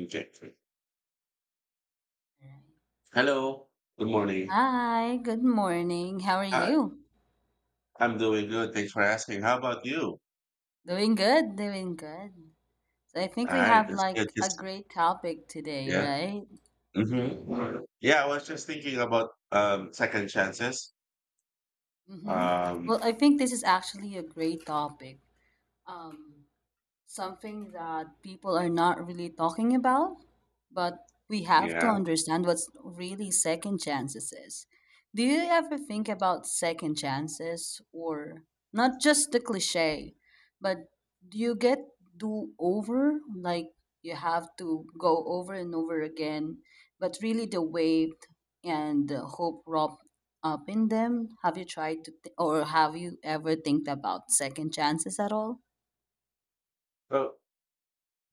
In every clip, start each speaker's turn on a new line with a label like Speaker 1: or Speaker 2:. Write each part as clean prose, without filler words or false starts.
Speaker 1: Okay. Hello. Good morning.
Speaker 2: Hi, good morning. How are
Speaker 1: Hi.
Speaker 2: you?
Speaker 1: I'm doing good. Thanks for asking. How about you?
Speaker 2: Doing good. So I think
Speaker 1: All
Speaker 2: we
Speaker 1: right.
Speaker 2: have
Speaker 1: That's good.
Speaker 2: like a
Speaker 1: Just,
Speaker 2: great topic today,
Speaker 1: yeah.
Speaker 2: right?
Speaker 1: Yeah. I was just thinking about second chances.
Speaker 2: Mm-hmm.
Speaker 1: Um.
Speaker 2: Well, I think this is actually a great topic. Um, Something that people are not really talking about, but we have to
Speaker 1: Yeah.
Speaker 2: understand what's really second chances is. Do you ever think about second chances, or not just the cliche, but do you get do over like you have to go over and over again, but really the weight and the hope wrapped up in them? Have you tried to, or have you ever think about second chances at all?
Speaker 1: Well,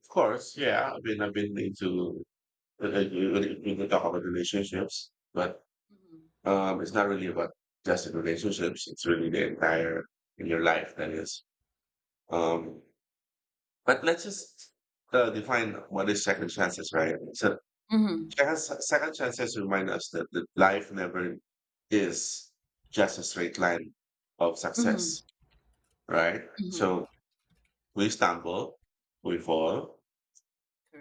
Speaker 1: of course. Yeah. I mean, I've been into we can talk about relationships, but it's not really about just in relationships. It's really the entire in your life that is. Um. But let's just define what is second chances, right? So
Speaker 2: Mm-hmm.
Speaker 1: second chances remind us that, that life never is just a straight line of
Speaker 2: Mhm,
Speaker 1: success, right?
Speaker 2: mhm,
Speaker 1: So we stumble, we fall,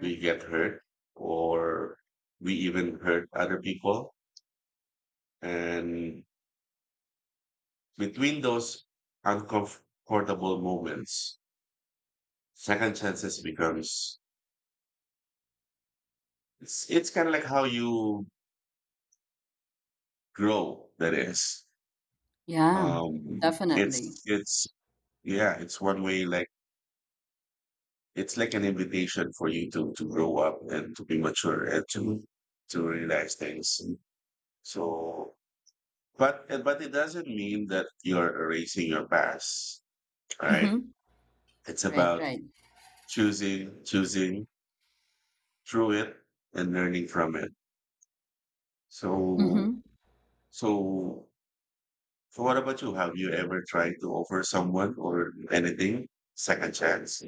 Speaker 1: we get hurt, or we even hurt other people. And between those uncomfortable moments, second chances becomes it's kind of like how you grow. That is,
Speaker 2: Yeah, definitely.
Speaker 1: it's yeah, it's one way like it's like an invitation for you to grow up and to be mature and to realize things. So, but it doesn't mean that you're erasing your past, right?
Speaker 2: Mhm.
Speaker 1: It's
Speaker 2: Right,
Speaker 1: about
Speaker 2: right.
Speaker 1: choosing through it and learning from it. So
Speaker 2: Mhm.
Speaker 1: so. So what about you? Have you ever tried to offer someone or anything second chance?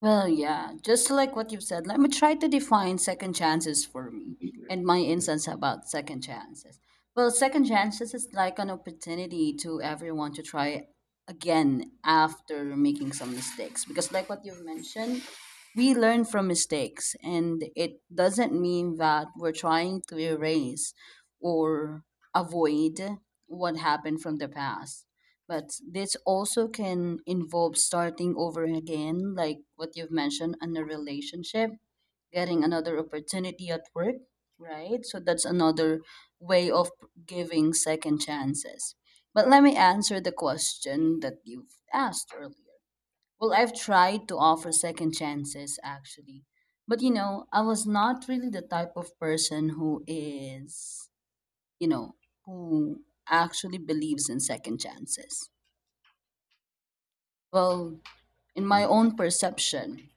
Speaker 2: Well, yeah, just like what you've said, let me try to define second chances for me and my instance about second chances. Well, second chances is like an opportunity to everyone to try again after making some mistakes. Because, like what you've mentioned, we learn from mistakes, and it doesn't mean that we're trying to erase or avoid what happened from the past, but this also can involve starting over again, like what you've mentioned, in a relationship, getting another opportunity at work, right? So that's another way of giving second chances. But let me answer the question that you've asked earlier. Well, I've tried to offer second chances actually. But I was not really the type of person who is, you know, who actually believes in second chances. Well, in my
Speaker 1: Mhm.
Speaker 2: own perception,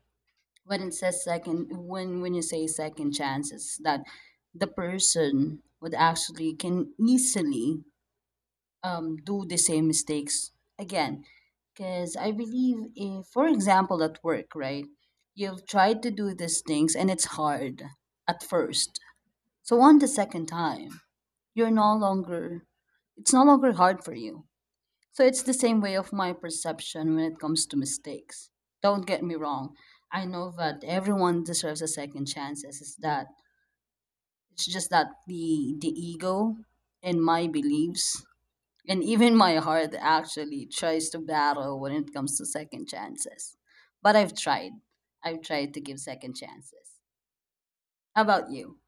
Speaker 2: when you say second chances that the person would actually can easily do the same mistakes again, because I believe if for example at work, right, you've tried to do these things and it's hard at first, so on the second time you're no longer, it's no longer hard for you. So it's the same way of my perception when it comes to mistakes. Don't get me wrong. I know that everyone deserves a second chance. It's just that the ego and my beliefs and even my heart actually tries to battle when it comes to second chances. But I've tried. I've tried to give second chances. How about you?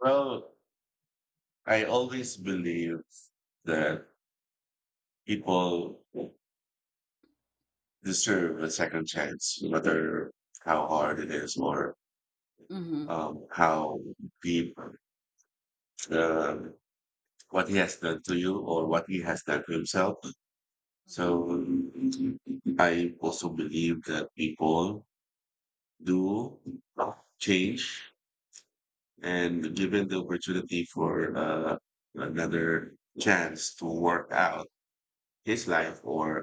Speaker 1: Well, I always believe that people deserve a second chance, no matter how hard it is or
Speaker 2: Mm-hmm.
Speaker 1: how deep the what he has done to you or what he has done to himself. So
Speaker 2: Mm-hmm.
Speaker 1: I also believe that people do change and given the opportunity for another chance to work out his life or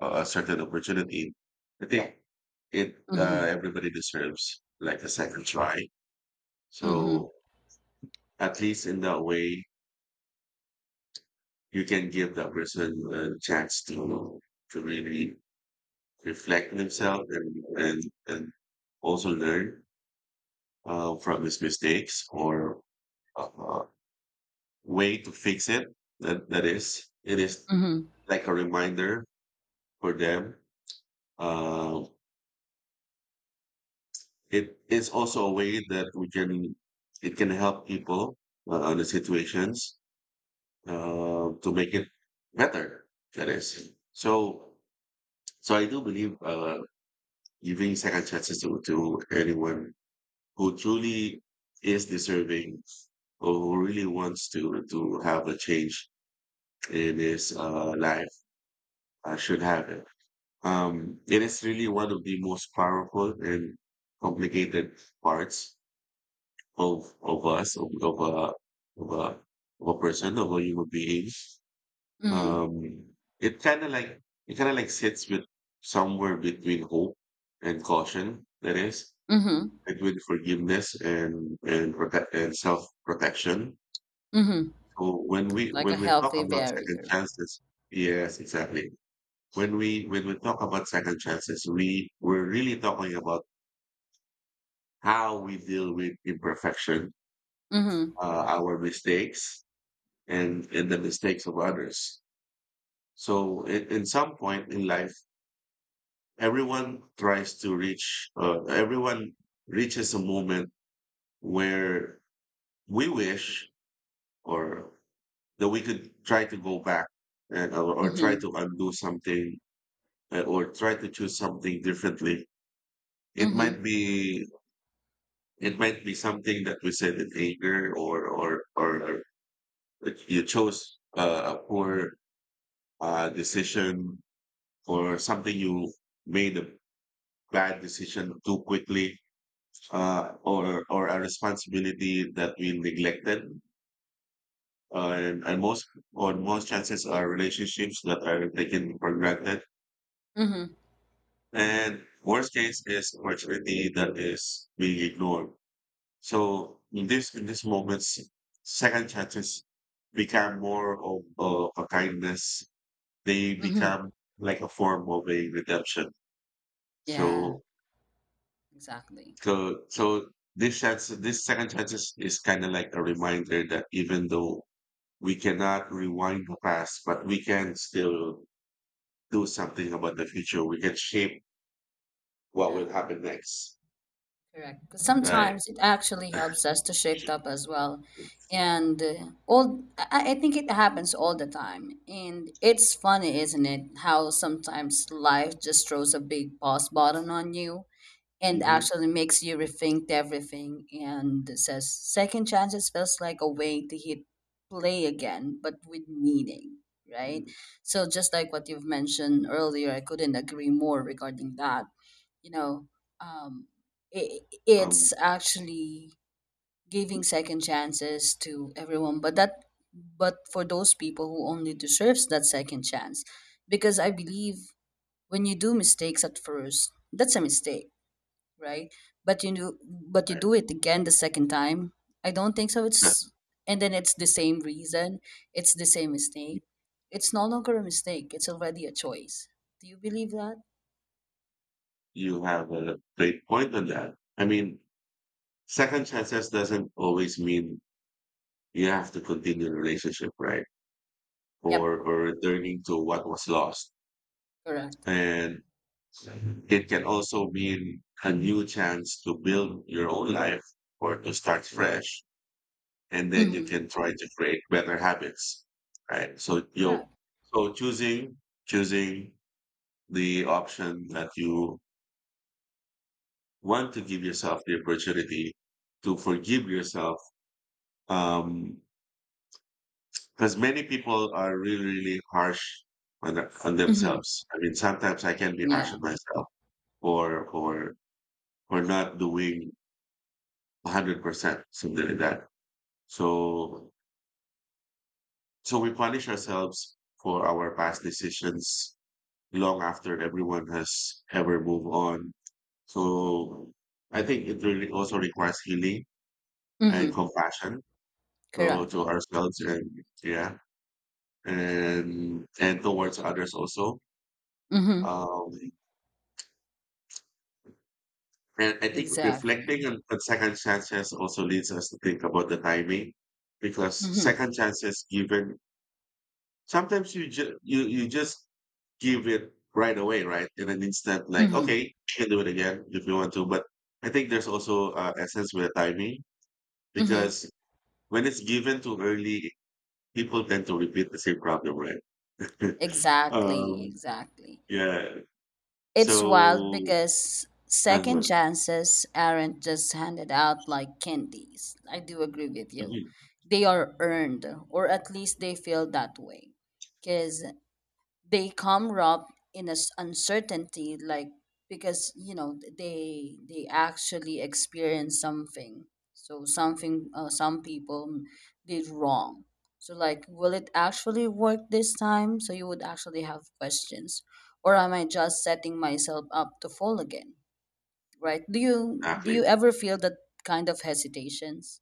Speaker 1: a certain opportunity, I think it
Speaker 2: Mm-hmm.
Speaker 1: everybody deserves like a second try.
Speaker 2: Mm-hmm.
Speaker 1: So at least in that way, you can give that person a chance to really reflect themselves and and, and also learn from his mistakes or a way to fix it. That is it is
Speaker 2: Mm-hmm.
Speaker 1: like a reminder for them. Uh, it is also a way that we can it can help people on the situations to make it better that is so so I do believe giving second chances to anyone who truly is deserving or who really wants to have a change in his life should have it it is really one of the most powerful and complicated parts of us, of a of a person, of a human being.
Speaker 2: Mm-hmm.
Speaker 1: Um, it kind of like sits with somewhere between hope and caution. That is
Speaker 2: Mm-hmm.
Speaker 1: between forgiveness and protect and self protection.
Speaker 2: Mm-hmm.
Speaker 1: So
Speaker 2: Like a
Speaker 1: when we talk
Speaker 2: healthy
Speaker 1: about second
Speaker 2: barrier.
Speaker 1: chances, yes, exactly. When we talk about second chances, we're really talking about how we deal with imperfection,
Speaker 2: Mm-hmm.
Speaker 1: our mistakes, and the mistakes of others. So in some point in life, everyone reaches a moment where we wish or that we could try to go back and, or try
Speaker 2: Mm-hmm.
Speaker 1: to undo something or try to choose something differently. It might
Speaker 2: Mhm,
Speaker 1: be, it might be something that we said in anger or that you chose a poor decision or something you made a bad decision too quickly or a responsibility that we neglected and most or most chances are relationships that are taken for granted
Speaker 2: mhm,
Speaker 1: and worst case is opportunity that is being ignored. So in this in these moments second chances become more of a kindness. They
Speaker 2: mhm.
Speaker 1: become like a form of a redemption.
Speaker 2: Yeah,
Speaker 1: so
Speaker 2: exactly.
Speaker 1: So, so this chance, this second chances is kind of like a reminder that even though we cannot rewind the past, but we can still do something about the future. We can shape what
Speaker 2: Yeah,
Speaker 1: will happen next,
Speaker 2: correct. 'Cause
Speaker 1: right?
Speaker 2: sometimes it actually helps us to shape up as well. And all I think it happens all the time. And it's funny, isn't it, how sometimes life just throws a big pause button on you and
Speaker 1: hmm
Speaker 2: actually makes you rethink everything, and it says second chances feels like a way to hit play again but with meaning, right? So just like what you've mentioned earlier, I couldn't agree more regarding that. you know um
Speaker 1: Um,
Speaker 2: it's actually giving second chances to everyone, but that, but for those people who only deserves that second chance, because I believe when you do mistakes at first, that's a mistake, right? But you do it again the second time. I don't think so.
Speaker 1: right.
Speaker 2: It's, and then it's the same reason. It's the same mistake. It's no longer a mistake. It's already a choice. Do you believe that?
Speaker 1: You have a great point on that. I mean, second chances doesn't always mean you have to continue the relationship, right?
Speaker 2: Yep.
Speaker 1: Or returning to what was lost.
Speaker 2: Correct.
Speaker 1: And it can also mean a new chance to build your own life or to start fresh. And then you
Speaker 2: Mm-hmm.
Speaker 1: can try to create better habits. Right. So you
Speaker 2: Correct.
Speaker 1: so choosing the option that you want to give yourself the opportunity to forgive yourself. Um because many people are really, really harsh on, on
Speaker 2: Mm-hmm.
Speaker 1: themselves. I mean, sometimes I can be harsh
Speaker 2: Yeah.
Speaker 1: on myself for for for not doing 100%, something like that. So, so we punish ourselves for our past decisions long after everyone has ever moved on. So, I think it really also requires healing and
Speaker 2: Mm-hmm.
Speaker 1: compassion
Speaker 2: Correct.
Speaker 1: to ourselves and yeah, and towards others also.
Speaker 2: Mm-hmm.
Speaker 1: Um, and I think
Speaker 2: Exactly.
Speaker 1: reflecting on second chances also leads us to think about the timing because
Speaker 2: Mm-hmm.
Speaker 1: second chances given sometimes you ju- you just give it right away, right? In an instant, like, okay,
Speaker 2: Mm-hmm.
Speaker 1: you can do it again if you want to. But I think there's also a sense with timing
Speaker 2: Mm-hmm.
Speaker 1: because when it's given too early, people tend to repeat the same problem, right?
Speaker 2: Exactly.
Speaker 1: um,
Speaker 2: Exactly.
Speaker 1: yeah.
Speaker 2: It's wild
Speaker 1: So,
Speaker 2: because second
Speaker 1: uh
Speaker 2: chances aren't just handed out like candies. I do agree with you. They are earned, or at least they feel that way. Because they come robbed in a s uncertainty, like because you know they actually experience something, so something, some people did wrong, so like will it actually work this time, so you would actually have questions, or am I just setting myself up to fall again, right? do you do
Speaker 1: exactly.
Speaker 2: you ever feel that kind of hesitations?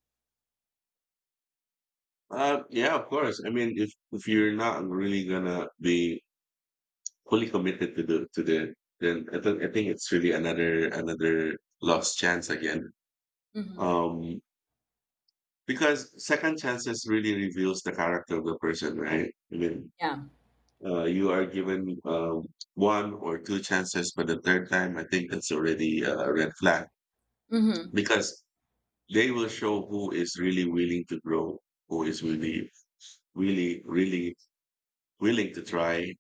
Speaker 1: Yeah, of course. I mean, if you're not really gonna be fully committed to the, then I think it's really another lost chance again.
Speaker 2: Mm-hmm.
Speaker 1: Um, Because second chances really reveals the character of the person, right? I mean,
Speaker 2: Yeah.
Speaker 1: you are given one or two chances, but the third time, I think that's already a red flag
Speaker 2: Mm-hmm.
Speaker 1: because they will show who is really willing to grow, who is really, really willing to try,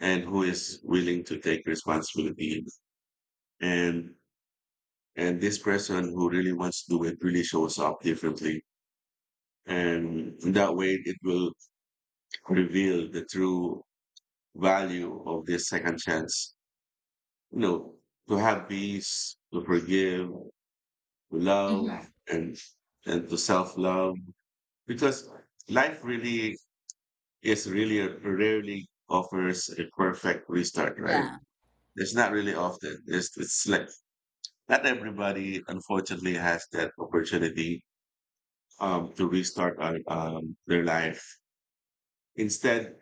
Speaker 1: and who is willing to take responsibility. And and this person who really wants to do it really shows up differently, and in that way, it will reveal the true value of this second chance. You know, to have peace, to forgive, to
Speaker 2: Mm-hmm.
Speaker 1: love, and and to self love, because life really is really rarely offers a perfect restart, right?
Speaker 2: Yeah,
Speaker 1: It's not really often. It's like not everybody, unfortunately, has that opportunity to restart their life. Instead,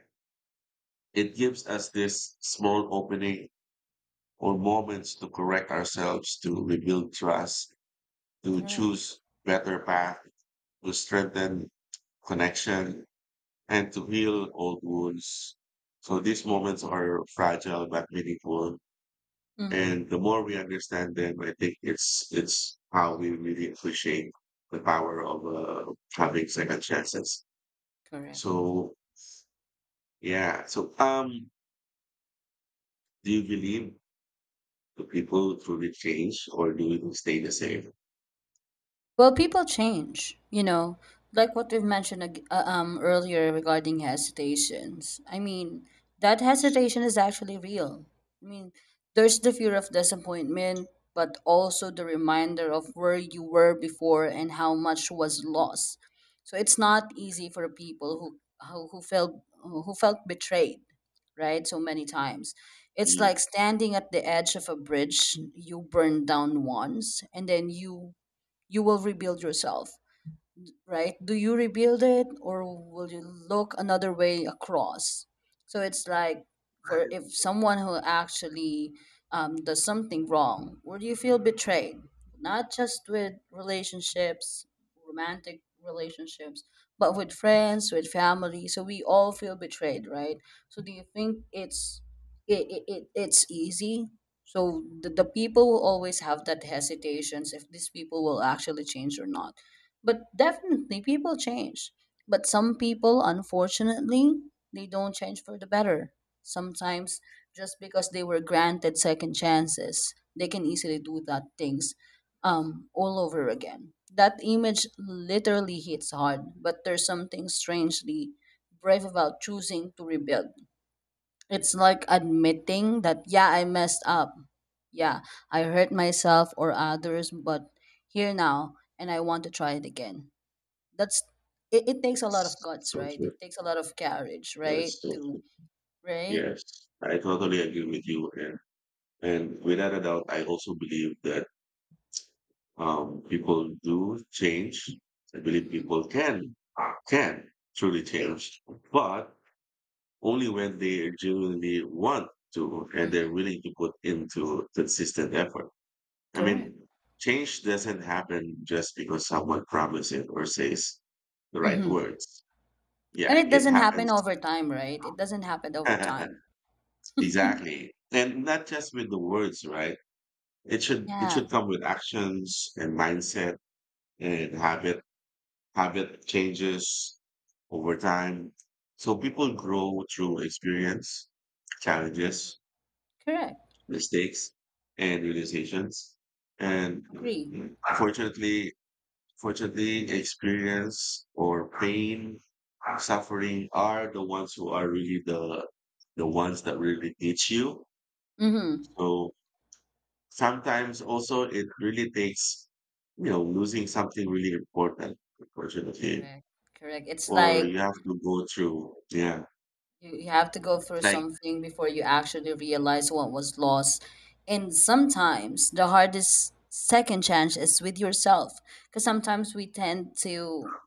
Speaker 1: it gives us this small opening or moments to correct ourselves, to rebuild trust, to
Speaker 2: correct.
Speaker 1: choose better path, to strengthen connection, and to heal old wounds. So these moments are fragile but meaningful.
Speaker 2: Mm-hmm.
Speaker 1: And the more we understand them, I think it's how we really appreciate the power of having second chances.
Speaker 2: Correct.
Speaker 1: So yeah. So do you believe the people truly change, or do we stay the same?
Speaker 2: Well, people change, you know, like what we've mentioned earlier regarding hesitations. I mean, that hesitation is actually real. I mean, there's the fear of disappointment, but also the reminder of where you were before and how much was lost. So it's not easy for people who who felt betrayed, right? So many times. It's
Speaker 1: Mm.
Speaker 2: like standing at the edge of a bridge. You burn down once, and then you will rebuild yourself, right? Do you rebuild it, or will you look another way across? So it's like for if someone who actually does something wrong, would you feel betrayed? Not just with relationships, romantic relationships, but with friends, with family. So we all feel betrayed, right? So do you think it's it it's easy? So the people will always have that hesitations if these people will actually change or not. But definitely people change. But some people, unfortunately, they don't change for the better. Sometimes just because they were granted second chances, they can easily do that things all over again. That image literally hits hard, but there's something strangely brave about choosing to rebuild. It's like admitting that, yeah, I messed up. Yeah, I hurt myself or others, but here now and I want to try it again. That's, it takes a lot of
Speaker 1: That's
Speaker 2: guts,
Speaker 1: so
Speaker 2: right?
Speaker 1: true.
Speaker 2: It takes a lot of courage,
Speaker 1: That
Speaker 2: right?
Speaker 1: is so
Speaker 2: To
Speaker 1: true.
Speaker 2: right.
Speaker 1: Yes, I totally agree with you. And without a doubt, I also believe that people do change. I believe
Speaker 2: Mm-hmm,
Speaker 1: people can uh, can truly change, but only when they genuinely want to and they're
Speaker 2: mm-hmm.
Speaker 1: willing to put into consistent effort. I
Speaker 2: Correct.
Speaker 1: mean, change doesn't happen just because someone promises it or says the right
Speaker 2: Mm-hmm.
Speaker 1: words.
Speaker 2: And
Speaker 1: Yeah,
Speaker 2: it
Speaker 1: it
Speaker 2: doesn't happen
Speaker 1: happens.
Speaker 2: over time, right? It doesn't happen over time.
Speaker 1: Exactly. And not just with the words, right? It
Speaker 2: Yeah.
Speaker 1: should come with actions and mindset and habit changes over time. So people grow through experience,
Speaker 2: Mhm.
Speaker 1: challenges,
Speaker 2: Correct.
Speaker 1: mistakes, and realizations. And
Speaker 2: Agree.
Speaker 1: fortunately, fortunately, experience or pain, suffering are the ones who are really the ones that really teach you.
Speaker 2: Mm-hmm.
Speaker 1: So sometimes also it really takes you know losing something really important unfortunately
Speaker 2: Correct. Correct. It's
Speaker 1: or
Speaker 2: like
Speaker 1: you have to go through yeah
Speaker 2: you have to go through
Speaker 1: like
Speaker 2: something before you actually realize what was lost. And sometimes the hardest second chance is with yourself, because sometimes we tend to,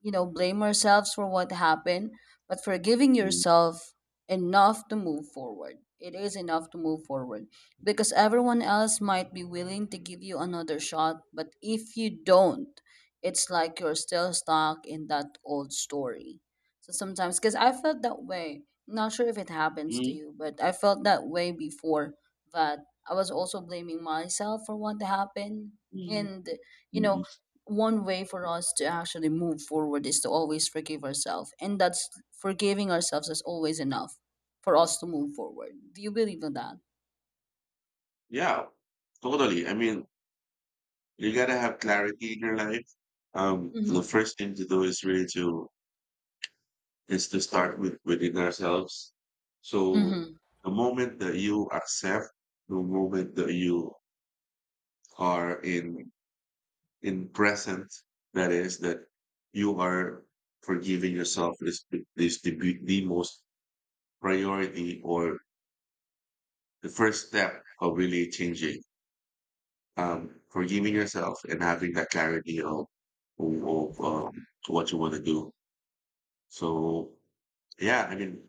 Speaker 2: you know, blame ourselves for what happened, but forgiving
Speaker 1: mm,
Speaker 2: yourself enough to move forward. It is enough to move forward, because everyone else might be willing to give you another shot, but if you don't, it's like you're still stuck in that old story. So sometimes, because I felt that way, not sure if it happens to
Speaker 1: mm,
Speaker 2: you, but I felt that way before, that I was also blaming myself for what happened.
Speaker 1: mm,
Speaker 2: And, you know,
Speaker 1: mm.
Speaker 2: one way for us to actually move forward is to always forgive ourselves, and that's forgiving ourselves is always enough for us to move forward. Do you believe in that?
Speaker 1: yeah totally I mean you gotta have clarity in your life the
Speaker 2: Mm-hmm.
Speaker 1: first thing to do is really to is to start with within ourselves so
Speaker 2: Mm-hmm.
Speaker 1: the moment that you accept the moment that you are in present that is that you are forgiving yourself is the most priority or the first step of really changing forgiving yourself and having that clarity of of um what you want to do so yeah I mean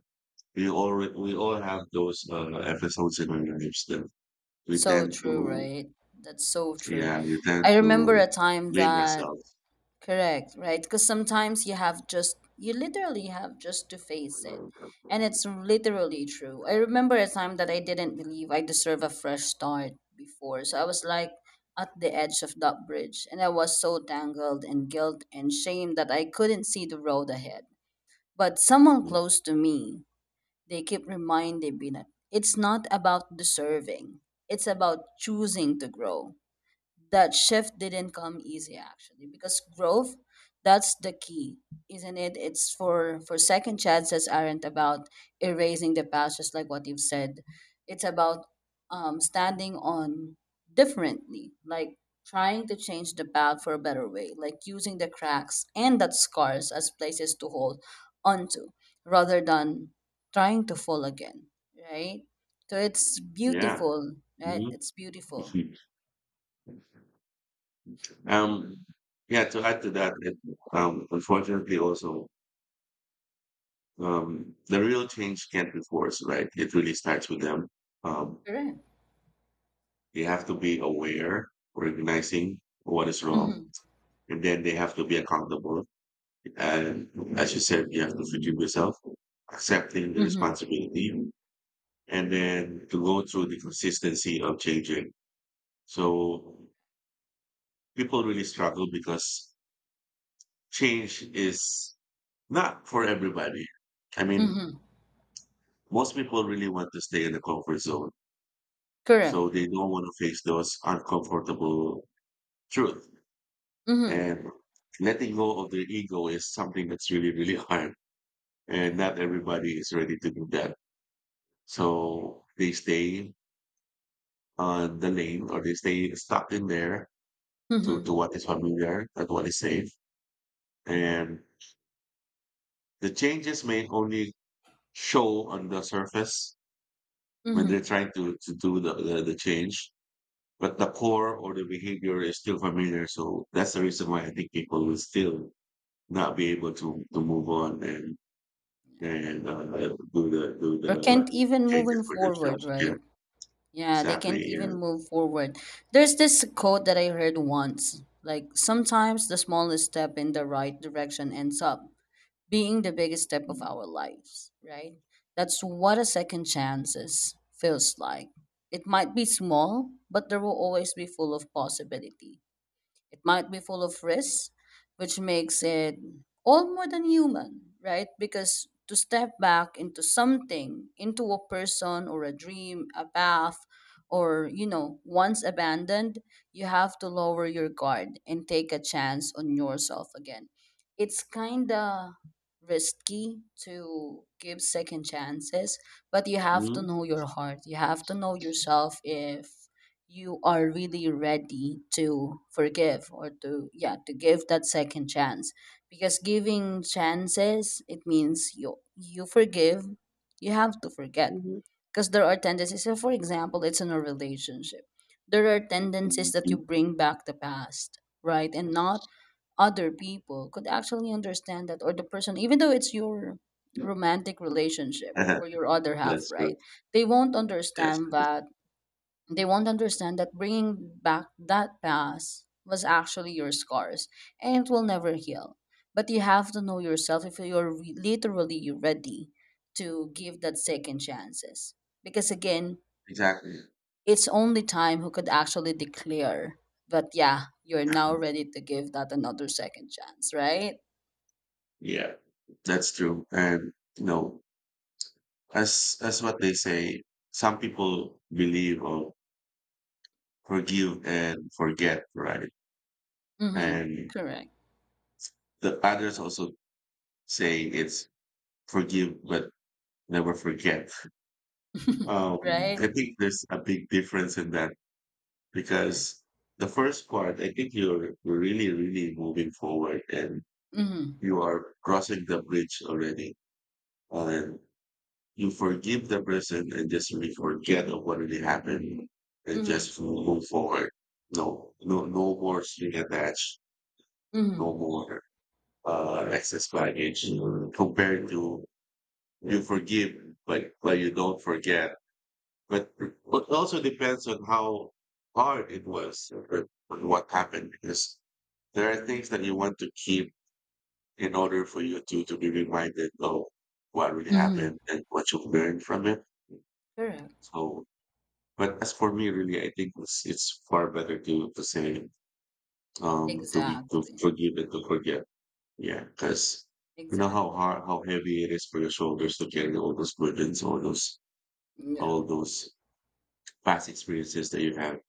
Speaker 1: we all have those episodes in our lives that we
Speaker 2: So
Speaker 1: tend
Speaker 2: true,
Speaker 1: to
Speaker 2: right? That's so true.
Speaker 1: yeah we tend
Speaker 2: I remember
Speaker 1: to
Speaker 2: a time
Speaker 1: blame
Speaker 2: that
Speaker 1: ourselves
Speaker 2: correct, right? Because sometimes you have just, you literally have just to face it. And it's literally true. I remember a time that I didn't believe I deserve a fresh start before. So I was like at the edge of that bridge. And I was so tangled in guilt and shame that I couldn't see the road ahead. But someone close to me, they keep reminding me that it's not about deserving, it's about choosing to grow. That shift didn't come easy actually, because growth, that's the key, isn't it? It's for second chances aren't about erasing the past, just like what you've said. It's about, standing on differently, like trying to change the path for a better way, like using the cracks and that scars as places to hold onto rather than trying to fall again, right? So it's
Speaker 1: yeah.
Speaker 2: beautiful, right?
Speaker 1: Mhm.
Speaker 2: It's beautiful.
Speaker 1: Um, yeah, to add to that, unfortunately, also, the real change can't be forced, right? It really starts with them. Um,
Speaker 2: Correct.
Speaker 1: they have to be aware, recognizing what is wrong,
Speaker 2: Mhm.
Speaker 1: and then they have to be accountable. And as you said, you have to forgive yourself, accepting the
Speaker 2: Mhm,
Speaker 1: responsibility, and then to go through the consistency of changing. So people really struggle because change is not for everybody. I mean,
Speaker 2: mhm.
Speaker 1: most people really want to stay in the comfort zone,
Speaker 2: Correct.
Speaker 1: so they don't want to face those uncomfortable truth.
Speaker 2: Mhm.
Speaker 1: And letting go of their ego is something that's really, really hard. And
Speaker 2: Correct.
Speaker 1: not everybody is ready to do that. So they stay on the lane or they stay stuck in there
Speaker 2: Mhm,
Speaker 1: to what is familiar and what is safe. And the changes may only show on the surface when they're
Speaker 2: mhm.
Speaker 1: trying to do the change but the core or the behavior is still familiar. So that's the reason why I think people will still not be able to move on and
Speaker 2: Yeah.
Speaker 1: and uh, do
Speaker 2: Or
Speaker 1: the
Speaker 2: can't even moving
Speaker 1: changes for
Speaker 2: forward,
Speaker 1: themselves. Yeah,
Speaker 2: right? Yeah, they
Speaker 1: exactly.
Speaker 2: can't
Speaker 1: Yeah.
Speaker 2: even move forward. There's this quote that I heard once. Like sometimes the smallest step in the right direction ends up being the biggest step of our lives, right? That's what a second chances feels like. It might be small, but there will always be full of possibilities. It might be full of risks, which makes it all more than human, right? Because to step back into something, into a person or a dream, a path, or, you know, once abandoned, you have to lower your guard and take a chance on yourself again. It's kind of risky to give second chances, but you have to
Speaker 1: Mhm,
Speaker 2: know your heart. You have to know yourself if you are really ready to forgive or to, yeah, to give that second chance, because giving chances it means you forgive, you have to forget,
Speaker 1: mhm,
Speaker 2: because there are tendencies. So for example it's in a relationship, there are tendencies that you
Speaker 1: mhm.
Speaker 2: bring back the past, right, and not other people could actually understand that, or the person, even though it's your romantic relationship
Speaker 1: Uh-huh.
Speaker 2: or your other half,
Speaker 1: that's true.
Speaker 2: right, they won't
Speaker 1: Yes,
Speaker 2: understand
Speaker 1: yes,
Speaker 2: that, they won't understand that bringing back that past was actually your scars and it will never heal. But you have to know yourself if you're literally ready to give that second chances. Because again,
Speaker 1: exactly.
Speaker 2: it's only time who could actually declare that, yeah, you're now ready to give that another second chance, right?
Speaker 1: Yeah, that's true. And you know, as what they say, some people believe or forgive and forget, right?
Speaker 2: Mm-hmm.
Speaker 1: And
Speaker 2: Correct.
Speaker 1: the others also saying it's forgive but never forget.
Speaker 2: Right?
Speaker 1: I think there's a big difference in that
Speaker 2: Correct.
Speaker 1: because the first part, I think you're really, really moving forward and
Speaker 2: Mm-hmm.
Speaker 1: you are crossing the bridge already. And you forgive the person and just really forget of what really happened and
Speaker 2: Mm-hmm.
Speaker 1: just move forward. No, no, no more string attached,
Speaker 2: Mm-hmm.
Speaker 1: no more excess baggage compared to you forgive, but you don't forget. But it also depends on how hard it was or on what happened because there are things that you want to keep in order for you to be reminded of what really happened
Speaker 2: Mm-hmm.
Speaker 1: and what you've learned from it.
Speaker 2: Correct.
Speaker 1: So, but as for me, really, I think it's far better to say to be to
Speaker 2: Exactly.
Speaker 1: forgive and to forget. Yeah, because you know
Speaker 2: Exactly.
Speaker 1: how hard, how heavy it is for your shoulders to carry all those burdens, all those
Speaker 2: Yeah.
Speaker 1: all those past experiences that you have.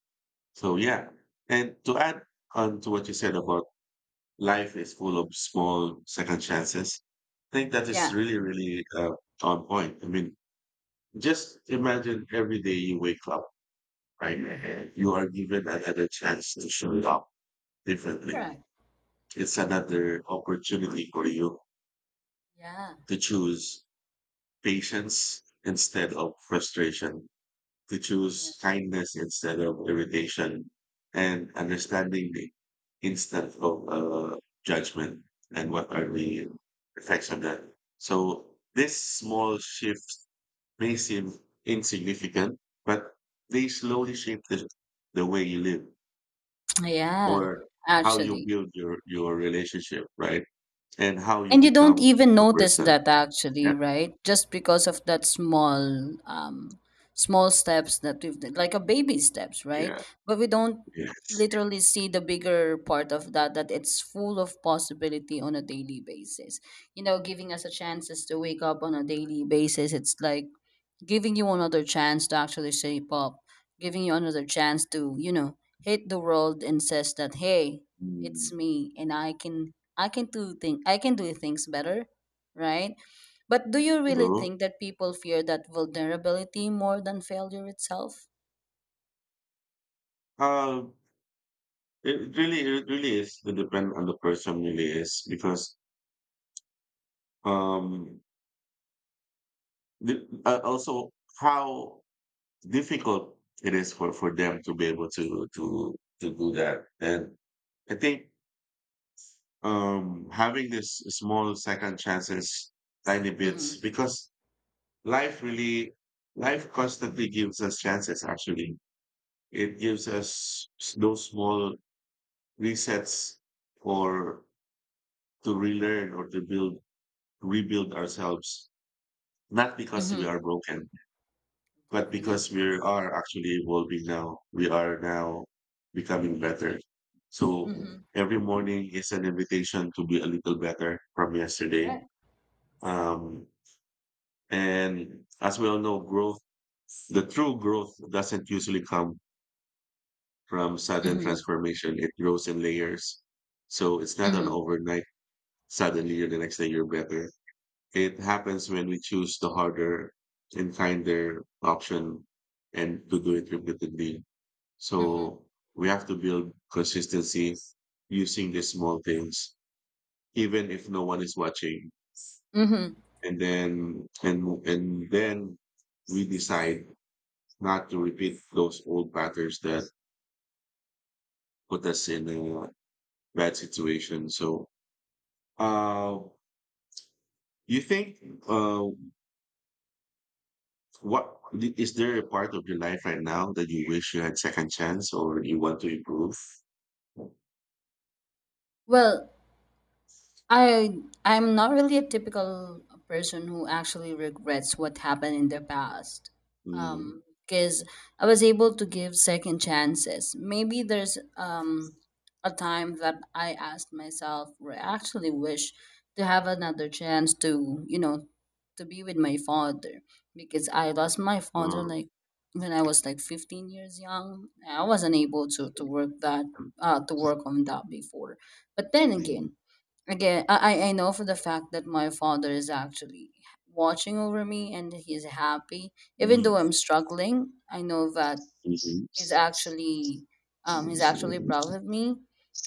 Speaker 1: So yeah, and to add on to what you said about life is full of small second chances, I think that
Speaker 2: Yeah.
Speaker 1: is really, really on point. I mean, just imagine every day you wake up, right?
Speaker 2: Mhm.
Speaker 1: You are given another chance to show up differently.
Speaker 2: Correct.
Speaker 1: It's another opportunity for you
Speaker 2: Yeah.
Speaker 1: to choose patience instead of frustration, to
Speaker 2: Correct.
Speaker 1: choose kindness instead of irritation, and understanding instead of judgment, and what are the effects of that. So this small shift may seem insignificant, but they slowly shape the way you live
Speaker 2: Yeah.
Speaker 1: or how you
Speaker 2: Actually,
Speaker 1: build your relationship, right? And how you
Speaker 2: and you don't
Speaker 1: become
Speaker 2: even
Speaker 1: a
Speaker 2: notice
Speaker 1: person.
Speaker 2: that
Speaker 1: Yeah,
Speaker 2: actually, right? Just because of that small, small steps that we've done, like a baby steps, right?
Speaker 1: yeah,
Speaker 2: But we don't
Speaker 1: yeah.
Speaker 2: literally see the bigger part of that, that it's full of possibility on a daily basis. You know, giving us a chances to wake up on a daily basis. It's like giving you another chance to actually shape up, giving you another chance to, you know, hit the world and says that, hey, it's
Speaker 1: Mm.
Speaker 2: me and I can do thing I can do things better, right? But do you really
Speaker 1: True.
Speaker 2: think that people fear that vulnerability more than failure itself?
Speaker 1: Uh, it really is. It depend on the person, really is because um, also how difficult it is for them to be able to do that. And I think having this small second chances, tiny bits,
Speaker 2: Mm-hmm.
Speaker 1: because life really, life constantly gives us chances. Actually, it gives us those small resets or to relearn or to build rebuild ourselves, not because we
Speaker 2: Mm-hmm.
Speaker 1: are broken, but
Speaker 2: Definitely.
Speaker 1: because we are actually evolving now. We are now becoming better. So
Speaker 2: Mm-hmm.
Speaker 1: every morning is an invitation to be a little better from yesterday.
Speaker 2: Correct.
Speaker 1: Um, and as we all know, the true growth doesn't usually come from sudden
Speaker 2: Mm-hmm.
Speaker 1: transformation. It grows in layers. So it's not an
Speaker 2: Mm-hmm.
Speaker 1: overnight, suddenly you're, the next day you're better. It happens when we choose the harder and kinder option and to do it repeatedly.
Speaker 2: Mm-hmm.
Speaker 1: So we have to build consistency using the small things, even if no one is watching.
Speaker 2: Mm-hmm.
Speaker 1: And then we decide not to repeat those old patterns that put us in a bad situation. So uh you think uh What is there a part of your life right now that you wish you had second chance or you want to improve?
Speaker 2: Well, I I'm not really a typical person who actually regrets what happened in the past.
Speaker 1: Mm.
Speaker 2: Because I was able to give second chances. Maybe there's a time that I asked myself, where I actually wish to have another chance to, you know, to be with my father because I lost my father
Speaker 1: Oh.
Speaker 2: like when I was like 15 years young. I wasn't able to work that to work on that before. But then
Speaker 1: Mm.
Speaker 2: again, I know for the fact that my father is actually watching over me and he's happy even though
Speaker 1: Mm.
Speaker 2: I'm struggling. I know that
Speaker 1: Mhm.
Speaker 2: he's actually he's actually proud of me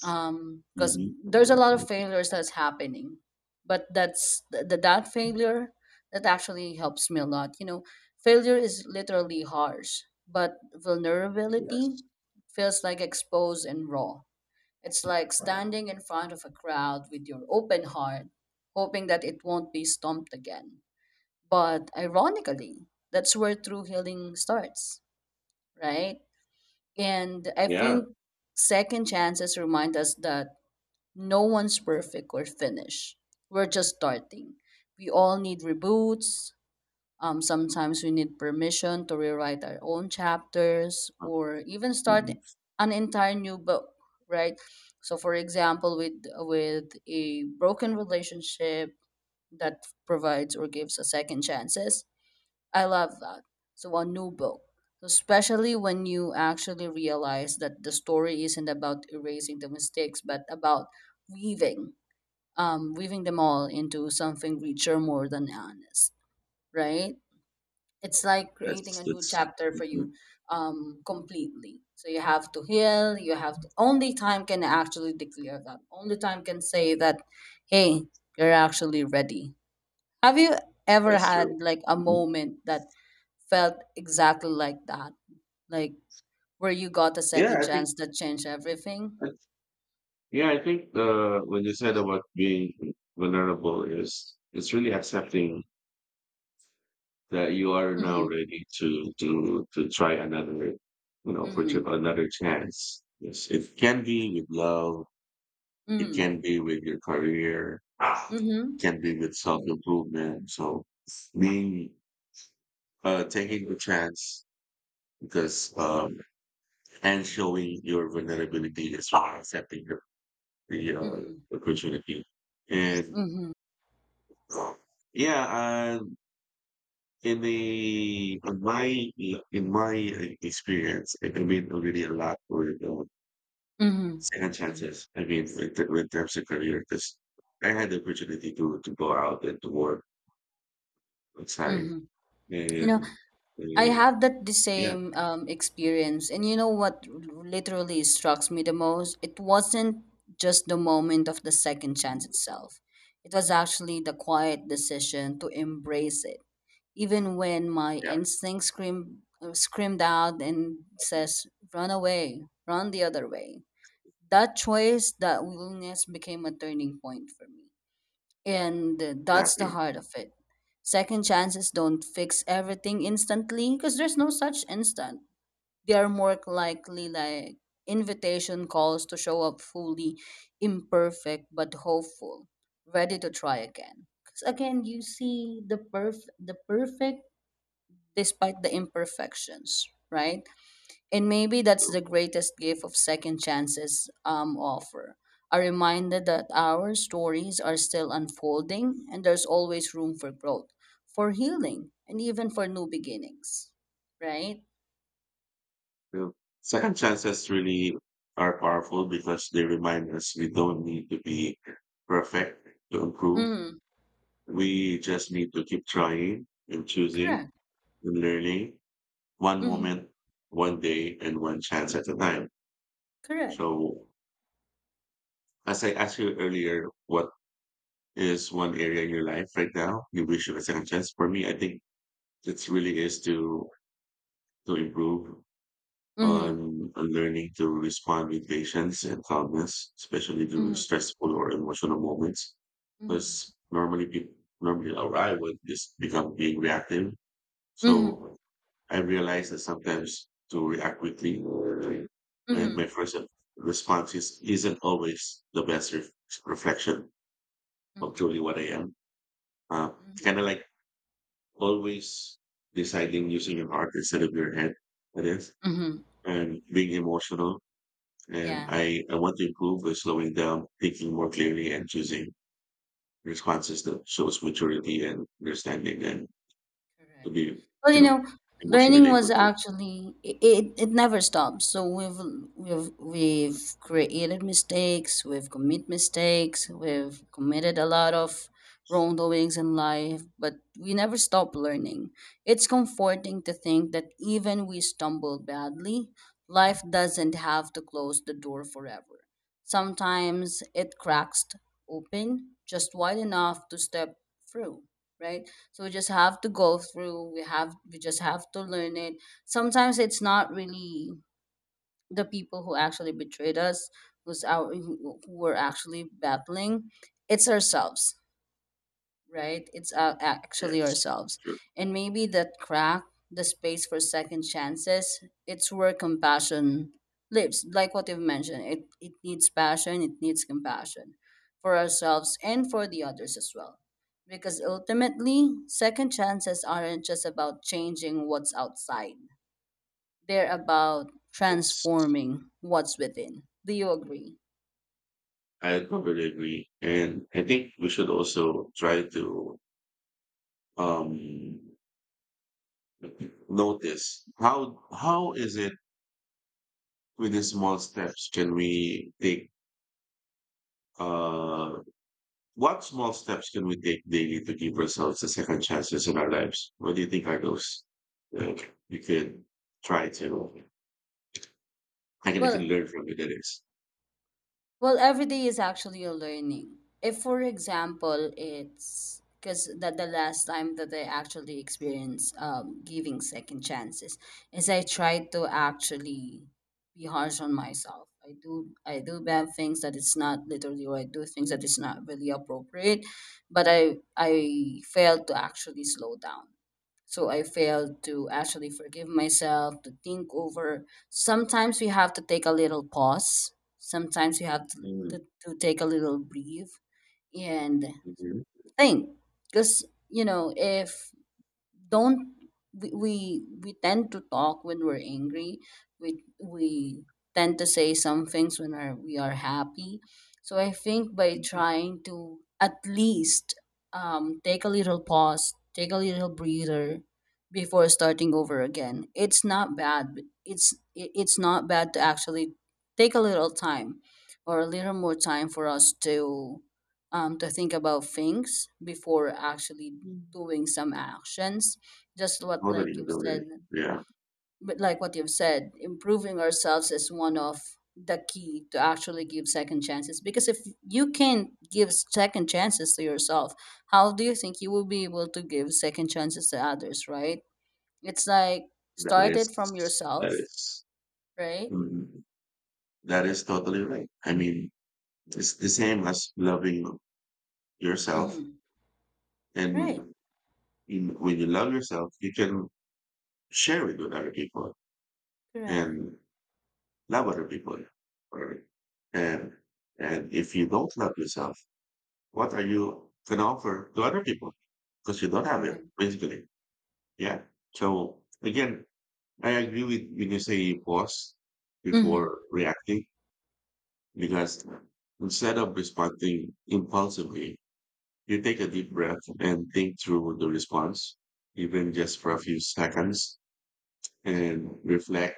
Speaker 2: because there's a lot
Speaker 1: Mhm.
Speaker 2: of failures that's happening, but that's that failure that actually helps me a lot. You know, failure is literally harsh, but vulnerability
Speaker 1: Yes.
Speaker 2: feels like exposed and raw. It's like standing in front of a crowd with your open heart, hoping that it won't be stomped again. But ironically, that's where true healing starts, right? And I
Speaker 1: Yeah.
Speaker 2: think second chances remind us that no one's perfect or finished. We're just starting. We all need reboots. Sometimes we need permission to rewrite our own chapters or even start
Speaker 1: Mhm.
Speaker 2: an entire new book, right? So, for example, with a broken relationship that provides or gives a second chances, I love that. So, a new book, especially when you actually realize that the story isn't about erasing the mistakes, but about weaving, weaving them all into something richer, more than honest, right? It's like creating a new
Speaker 1: That's
Speaker 2: chapter for
Speaker 1: mhm.
Speaker 2: you completely. So you have to Only time can actually declare, that only time can say that, hey, you're actually ready. Have you ever
Speaker 1: That's
Speaker 2: had
Speaker 1: true.
Speaker 2: like a
Speaker 1: Mhm.
Speaker 2: moment that felt exactly like that, like where you got a
Speaker 1: Yeah,
Speaker 2: second
Speaker 1: I think.
Speaker 2: chance that changed everything?
Speaker 1: Yeah, I think when you said about being vulnerable is it's really accepting that you are now
Speaker 2: Mm-hmm.
Speaker 1: ready to try another, you know, for
Speaker 2: Mm-hmm.
Speaker 1: another chance. Yes, it can be with love, it can be with your career, it
Speaker 2: Mm-hmm.
Speaker 1: can be with self-improvement. So being taking the chance, because and showing your vulnerability is, well, accepting the, the
Speaker 2: Mm-hmm.
Speaker 1: uh, opportunity and
Speaker 2: Mm-hmm.
Speaker 1: yeah. In the in my in my experience, it can mean really a lot for
Speaker 2: Mm-hmm.
Speaker 1: second
Speaker 2: Mm-hmm.
Speaker 1: chances. I mean, in terms of career, because I had the opportunity to go out and to work outside,
Speaker 2: Mm-hmm. You know,
Speaker 1: and,
Speaker 2: I
Speaker 1: and
Speaker 2: have that the
Speaker 1: yeah,
Speaker 2: same experience, and you know what literally struck me the most? It wasn't just the moment of the second chance itself. It was actually the quiet decision to embrace it, even when my
Speaker 1: yeah,
Speaker 2: instinct screamed screamed out and says, "Run away, run the other way." That choice, that willingness, became a turning point for me, and that's the
Speaker 1: exactly.
Speaker 2: heart of it. Second chances don't fix everything instantly because there's no such instant. They are more likely like invitation calls to show up fully imperfect but hopeful, ready to try again. Because again, you see the perfect despite the imperfections, right? And maybe that's
Speaker 1: So,
Speaker 2: the greatest gift of second chances offer. A reminder that our stories are still unfolding and there's always room for growth, for healing, and even for new beginnings. Right?
Speaker 1: so second chances really are powerful because they remind us we don't need to be perfect to improve.
Speaker 2: Mm-hmm.
Speaker 1: We just need to keep trying and choosing
Speaker 2: Correct.
Speaker 1: and learning one
Speaker 2: Mm-hmm.
Speaker 1: moment, one day, and one chance at a time.
Speaker 2: Correct.
Speaker 1: So, as I asked you earlier, what is one area in your life right now you wish you had a second chance? For me, I think it really is to improve
Speaker 2: Mm-hmm.
Speaker 1: on learning to respond with patience and calmness, especially during
Speaker 2: Mm-hmm.
Speaker 1: stressful or emotional moments.
Speaker 2: Mm-hmm.
Speaker 1: Because normally people, normally, or I would just become being reactive.
Speaker 2: Mm-hmm.
Speaker 1: So I realize that sometimes to react quickly and
Speaker 2: Mm-hmm.
Speaker 1: my first response is, isn't always the best reflection of
Speaker 2: Mm-hmm.
Speaker 1: truly what I am. Uh,
Speaker 2: Mm-hmm.
Speaker 1: kind of like always deciding using your heart instead of your head, that is,
Speaker 2: Mm-hmm.
Speaker 1: and being emotional. And
Speaker 2: Yeah.
Speaker 1: I want to improve by slowing down, thinking more clearly, and choosing responses that shows maturity and understanding, and to
Speaker 2: Correct.
Speaker 1: be,
Speaker 2: Well,
Speaker 1: you
Speaker 2: you
Speaker 1: know,
Speaker 2: know,
Speaker 1: emotionally
Speaker 2: learning
Speaker 1: able
Speaker 2: was
Speaker 1: to.
Speaker 2: actually it never stops. So we've created mistakes, we've committed a lot of wrongdoings in life, but we never stop learning. It's comforting to think that even we stumble badly, life doesn't have to close the door forever. Sometimes it cracks open just wide enough to step through, right? So we just have to go through. We just have to learn it. Sometimes it's not really the people who actually betrayed us who were actually battling. It's ourselves, right? It's actually
Speaker 1: Yes,
Speaker 2: ourselves.
Speaker 1: sure.
Speaker 2: And maybe that crack, the space for second chances, it's where compassion lives. Like what you've mentioned, it needs passion, it needs compassion for ourselves and for the others as well. Because ultimately, second chances aren't just about changing what's outside, they're about
Speaker 1: It's,
Speaker 2: transforming what's within. Do you agree?
Speaker 1: I totally agree. And I think we should also try to um, notice how is it with the small steps can we take uh what small steps can we take daily to give ourselves the second chances in our lives? What do you think are those that you can try to? I can
Speaker 2: Well,
Speaker 1: learn from it, that is.
Speaker 2: Well, every day is actually a learning. If, for example, it's because that the last time that I actually experienced giving second chances is I try to actually be harsh on myself. I do bad things that it's not literally, or I do things that is not really appropriate, but I fail to actually slow down. So I failed to actually forgive myself, to think over. Sometimes we have to take a little pause. Sometimes we have to,
Speaker 1: Mm,
Speaker 2: take a little breathe and
Speaker 1: mhm,
Speaker 2: think. Because, you know, if don't we tend to talk when we're angry. We tend to say some things when we are happy. So I think by
Speaker 1: mhm.
Speaker 2: trying to at least take a little pause, take a little breather before starting over again, it's not bad. It's not bad to actually take a little time or a little more time for us to think about things before actually
Speaker 1: Mm.
Speaker 2: doing some actions, just what
Speaker 1: Totally,
Speaker 2: like you have said.
Speaker 1: totally. Yeah.
Speaker 2: But like what you've said, improving ourselves is one of the key to actually give second chances, because if you can't give second chances to yourself, how do you think you will be able to give second chances to others, right? It's like
Speaker 1: That
Speaker 2: start
Speaker 1: is,
Speaker 2: it from
Speaker 1: that
Speaker 2: yourself,
Speaker 1: is.
Speaker 2: right?
Speaker 1: Mhm. That is totally right. I mean, it's the same as loving yourself.
Speaker 2: Mm-hmm. Right.
Speaker 1: And in, when you love yourself, you can share it with other people
Speaker 2: Correct.
Speaker 1: and love other people. Right? And, and if you don't love yourself, what are you going to offer to other people? Because you don't have it,
Speaker 2: Correct.
Speaker 1: basically. Yeah. So again, I agree with when you say pause
Speaker 2: Mm-hmm.
Speaker 1: before reacting, because instead of responding impulsively, you take a deep breath and think through the response, even just for a few seconds, and reflect.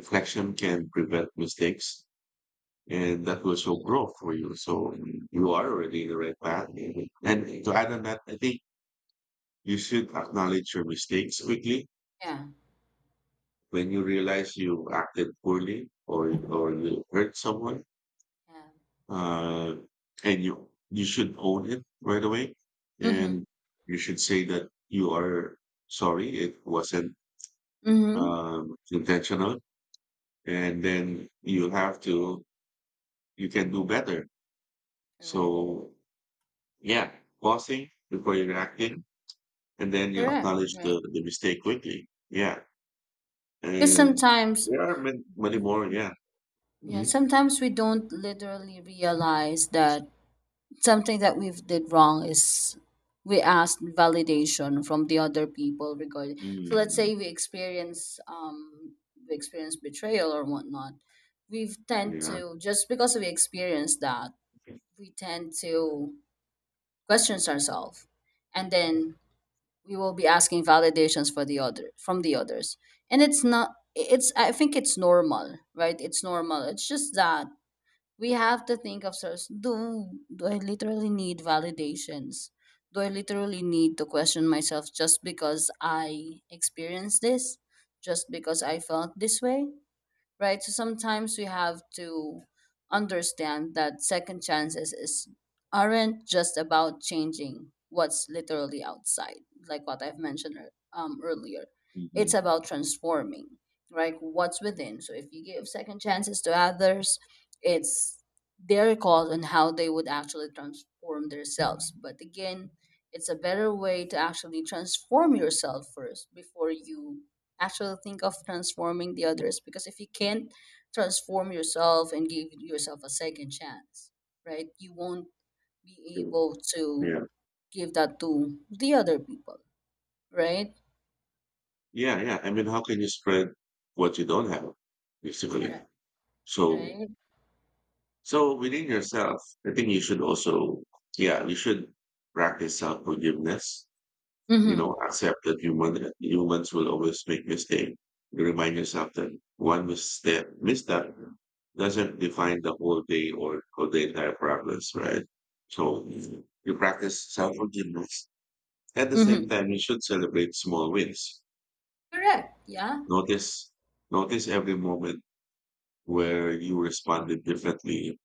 Speaker 1: Reflection
Speaker 2: Correct.
Speaker 1: can prevent mistakes, and that will show growth for you. So you are already in the right path. And to add on that, I think you should acknowledge your mistakes quickly
Speaker 2: Yeah,
Speaker 1: when you realize you acted poorly or you hurt someone.
Speaker 2: yeah. Right.
Speaker 1: uh, and you should own it right away,
Speaker 2: Mm-hmm.
Speaker 1: and you should say that you are sorry, it wasn't
Speaker 2: Mm-hmm.
Speaker 1: intentional, and then you have to, you can do better.
Speaker 2: Correct.
Speaker 1: So yeah, pausing before you're acting, and then you
Speaker 2: Correct.
Speaker 1: acknowledge
Speaker 2: Right,
Speaker 1: the mistake quickly. Yeah,
Speaker 2: because
Speaker 1: and
Speaker 2: sometimes.
Speaker 1: there are many, many more. Yeah.
Speaker 2: Yeah,
Speaker 1: Mhm.
Speaker 2: sometimes we don't literally realize that something that we've did wrong is we asked validation from the other people regarding. So let's
Speaker 1: Mm.
Speaker 2: say we experience betrayal or whatnot. We tend
Speaker 1: Yeah.
Speaker 2: to, just because we experience that, we tend to question ourselves, and then we will be asking validations for the other from the others. And it's not. It's, I think it's normal, right? It's normal. It's just that we have to think of source, do I literally need validations? Do I literally need to question myself just because I experienced this, just because I felt this way, right? So sometimes we have to understand that second chances is aren't just about changing what's literally outside, like what I've mentioned earlier. It's
Speaker 1: Mhm.
Speaker 2: about transforming, right? What's within. So if you give second chances to others, it's their call on how they would actually transform themselves. But again, it's a better way to actually transform yourself first before you actually think of transforming the others, because if you can't transform yourself and give yourself a second chance, right, you won't be
Speaker 1: True.
Speaker 2: able to
Speaker 1: Yeah.
Speaker 2: give that to the other people, right?
Speaker 1: Yeah, yeah. I mean, how can you spread what you don't have, basically?
Speaker 2: Correct.
Speaker 1: So,
Speaker 2: Right.
Speaker 1: so within yourself, I think you should also, yeah, you should practice self forgiveness. You
Speaker 2: Mm-hmm.
Speaker 1: know, accept that humans will always make mistake. You remind yourself that misstep doesn't define the whole day or the entire progress, right? So you practice self forgiveness. At the same
Speaker 2: Mm-hmm.
Speaker 1: time, you should celebrate small wins.
Speaker 2: Correct. Yeah.
Speaker 1: Notice, notice every moment where you responded differently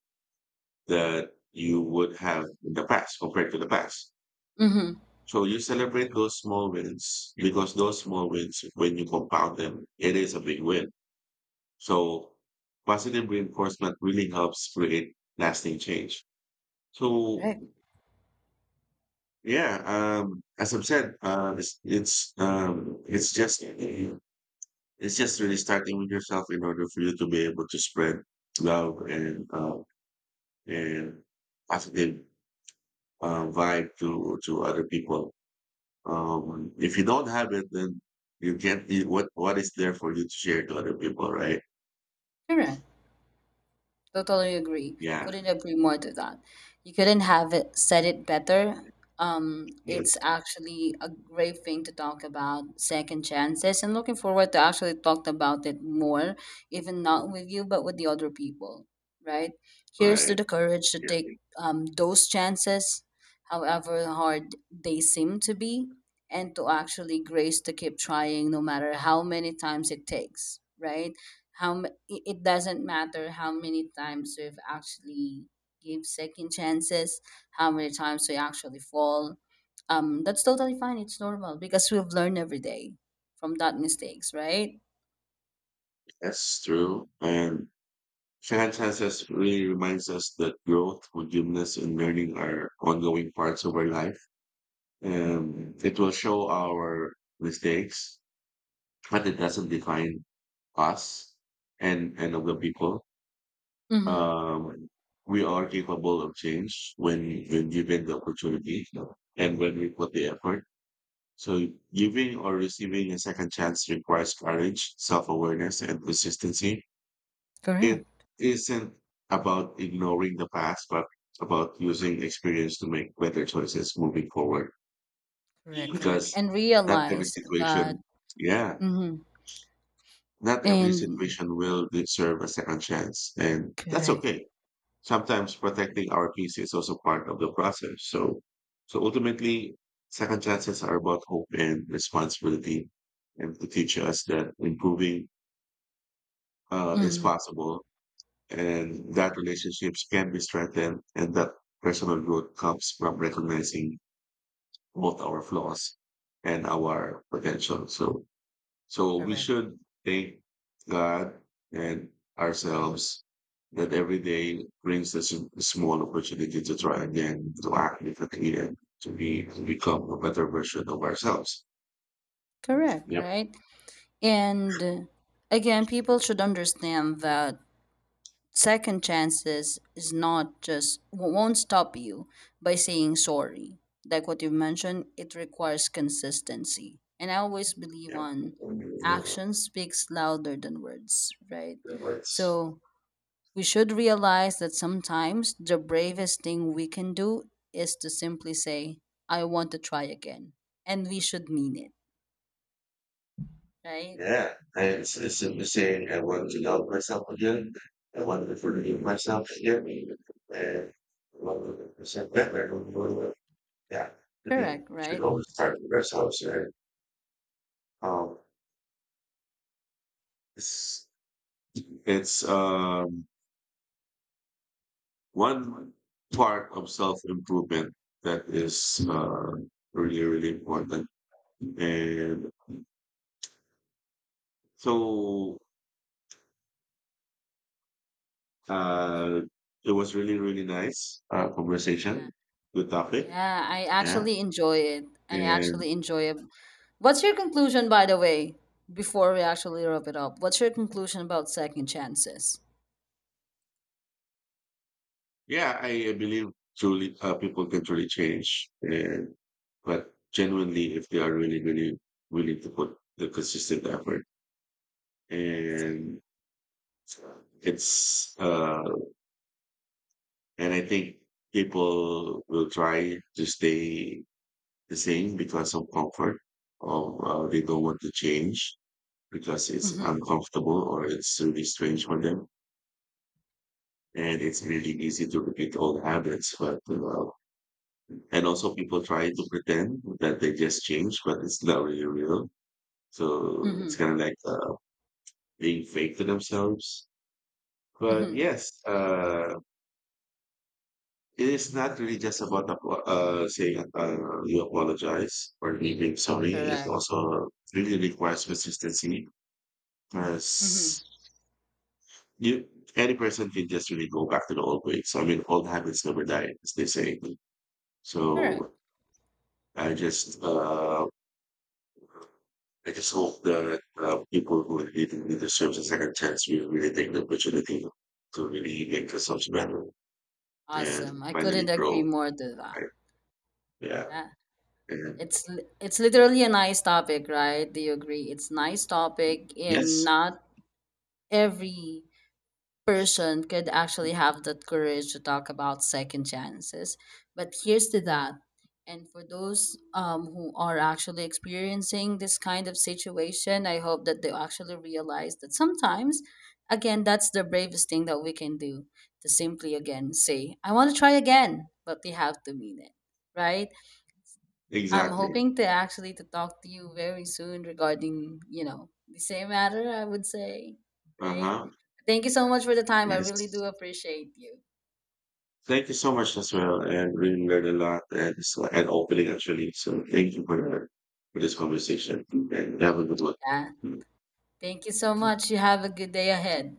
Speaker 1: that you would have in the past compared to the past.
Speaker 2: Mm-hmm.
Speaker 1: So you celebrate those small wins because those small wins, when you compound them, it is a big win. So positive reinforcement really helps create lasting change.
Speaker 2: Correct.
Speaker 1: So yeah, as I've said, it's just really starting with yourself in order for you to be able to spread love and and positive vibe to other people. If you don't have it, then you can't. What is there for you to share to other people, right?
Speaker 2: Correct. Totally agree.
Speaker 1: Yeah,
Speaker 2: Couldn't agree more to that. You couldn't have said it better.
Speaker 1: yeah,
Speaker 2: It's actually a great thing to talk about second chances and looking forward to actually talk about it more, even
Speaker 1: yeah,
Speaker 2: not with you, but with the other people, right? Here's to
Speaker 1: right.
Speaker 2: the courage to
Speaker 1: Yeah, I
Speaker 2: take
Speaker 1: think
Speaker 2: those chances, however hard they seem to be, and to actually grace to keep trying no matter how many times it takes, right? It doesn't matter how many times we've actually give second chances, how many times we actually fall. That's totally fine. It's normal because we've learned every day from that mistakes, right?
Speaker 1: that's true. And fantastic, really reminds us that growth, forgiveness, and learning are ongoing parts of our life. And it will show our mistakes, but it doesn't define us and of the people.
Speaker 2: Mm-hmm.
Speaker 1: Um, we are capable of change when given the opportunity and when we put the effort. So giving or receiving a second chance requires courage, self-awareness, and consistency. It
Speaker 2: Correct.
Speaker 1: isn't about ignoring the past, but about using experience to make better choices moving forward.
Speaker 2: Correct. Correct.
Speaker 1: Because
Speaker 2: And
Speaker 1: not every
Speaker 2: realize that.
Speaker 1: situation, yeah,
Speaker 2: Mm-hmm.
Speaker 1: not every
Speaker 2: And
Speaker 1: situation will deserve a second chance, and that's
Speaker 2: correct.
Speaker 1: okay. Sometimes protecting our peace is also part of the process. So ultimately, second chances are about hope and responsibility, and to teach us that improving is
Speaker 2: Mm-hmm.
Speaker 1: possible, and that relationships can be strengthened, and that personal growth comes from recognizing both our flaws and our potential. So we
Speaker 2: Correct.
Speaker 1: should thank God and ourselves that every day brings us a small opportunity to try again, to act differently, and to be to become a better version of ourselves.
Speaker 2: Correct.
Speaker 1: Yep.
Speaker 2: Right. And again, people should understand that second chances is not won't stop you by saying sorry. Like what you mentioned, it requires consistency. And I always believe
Speaker 1: Yep.
Speaker 2: on action speaks louder than words, right?
Speaker 1: That's-
Speaker 2: So we should realize that sometimes the bravest thing we can do is to simply say, I want to try again. And we should mean it, right?
Speaker 1: yeah, I, it's simply saying I want to love myself again. I want to forgive myself again. And I want to present better. Yeah, I think
Speaker 2: Correct,
Speaker 1: we should
Speaker 2: right?
Speaker 1: always start with ourselves. Right? Um, it's It's one part of self improvement that is really, really important. And so uh, it was really, really nice conversation, good
Speaker 2: Yeah,
Speaker 1: topic.
Speaker 2: yeah. I
Speaker 1: Yeah.
Speaker 2: actually enjoy it. I
Speaker 1: And
Speaker 2: actually enjoy it. What's your conclusion, by the way, before we actually wrap it up? What's your conclusion about second chances?
Speaker 1: yeah, I believe truly people can truly change. And, but genuinely, if they are really, really willing to put the consistent effort.
Speaker 2: Awesome.
Speaker 1: And it's and I think people will try to stay the same because of comfort, or they don't want to change because it's
Speaker 2: Mm-hmm.
Speaker 1: uncomfortable or it's really strange for them. And it's really easy to repeat old habits, but and also people try to pretend that they just changed, but it's not really real. So it's
Speaker 2: Mm-hmm.
Speaker 1: kind of like being fake to themselves. But
Speaker 2: Mm-hmm.
Speaker 1: yes, it is not really just about saying you apologize or leaving sorry. It
Speaker 2: Correct.
Speaker 1: also really requires consistency because
Speaker 2: Mm-hmm.
Speaker 1: you any person can just really go back to the old ways. I mean, old habits never die, as they say.
Speaker 2: Correct.
Speaker 1: So I just uh, I just hope that people who really, really deserve a second chance will really take the opportunity to really make themselves better and
Speaker 2: Awesome. I
Speaker 1: finally
Speaker 2: couldn't agree
Speaker 1: grow.
Speaker 2: more to that.
Speaker 1: Right? Yeah.
Speaker 2: Yeah.
Speaker 1: And
Speaker 2: It's literally a nice topic, right? Do you agree? It's nice topic and
Speaker 1: yes,
Speaker 2: not every person could actually have that courage to talk about second chances. But here's to that. And for those who are actually experiencing this kind of situation, I hope that they actually realize that sometimes, again, that's the bravest thing that we can do, to simply again say, I want to try again, but we have to mean it, right? I'm
Speaker 1: exactly.
Speaker 2: hoping to actually to talk to you very soon regarding, you know, the same matter, I would say,
Speaker 1: Uh
Speaker 2: right?
Speaker 1: huh.
Speaker 2: Thank you so much for the time. I really
Speaker 1: Yes.
Speaker 2: do appreciate you.
Speaker 1: Thank you so much as well. And really learned a lot and so and opening actually. So thank you for this conversation and have a good
Speaker 2: Yeah.
Speaker 1: one.
Speaker 2: Thank you so much. You have a good day ahead.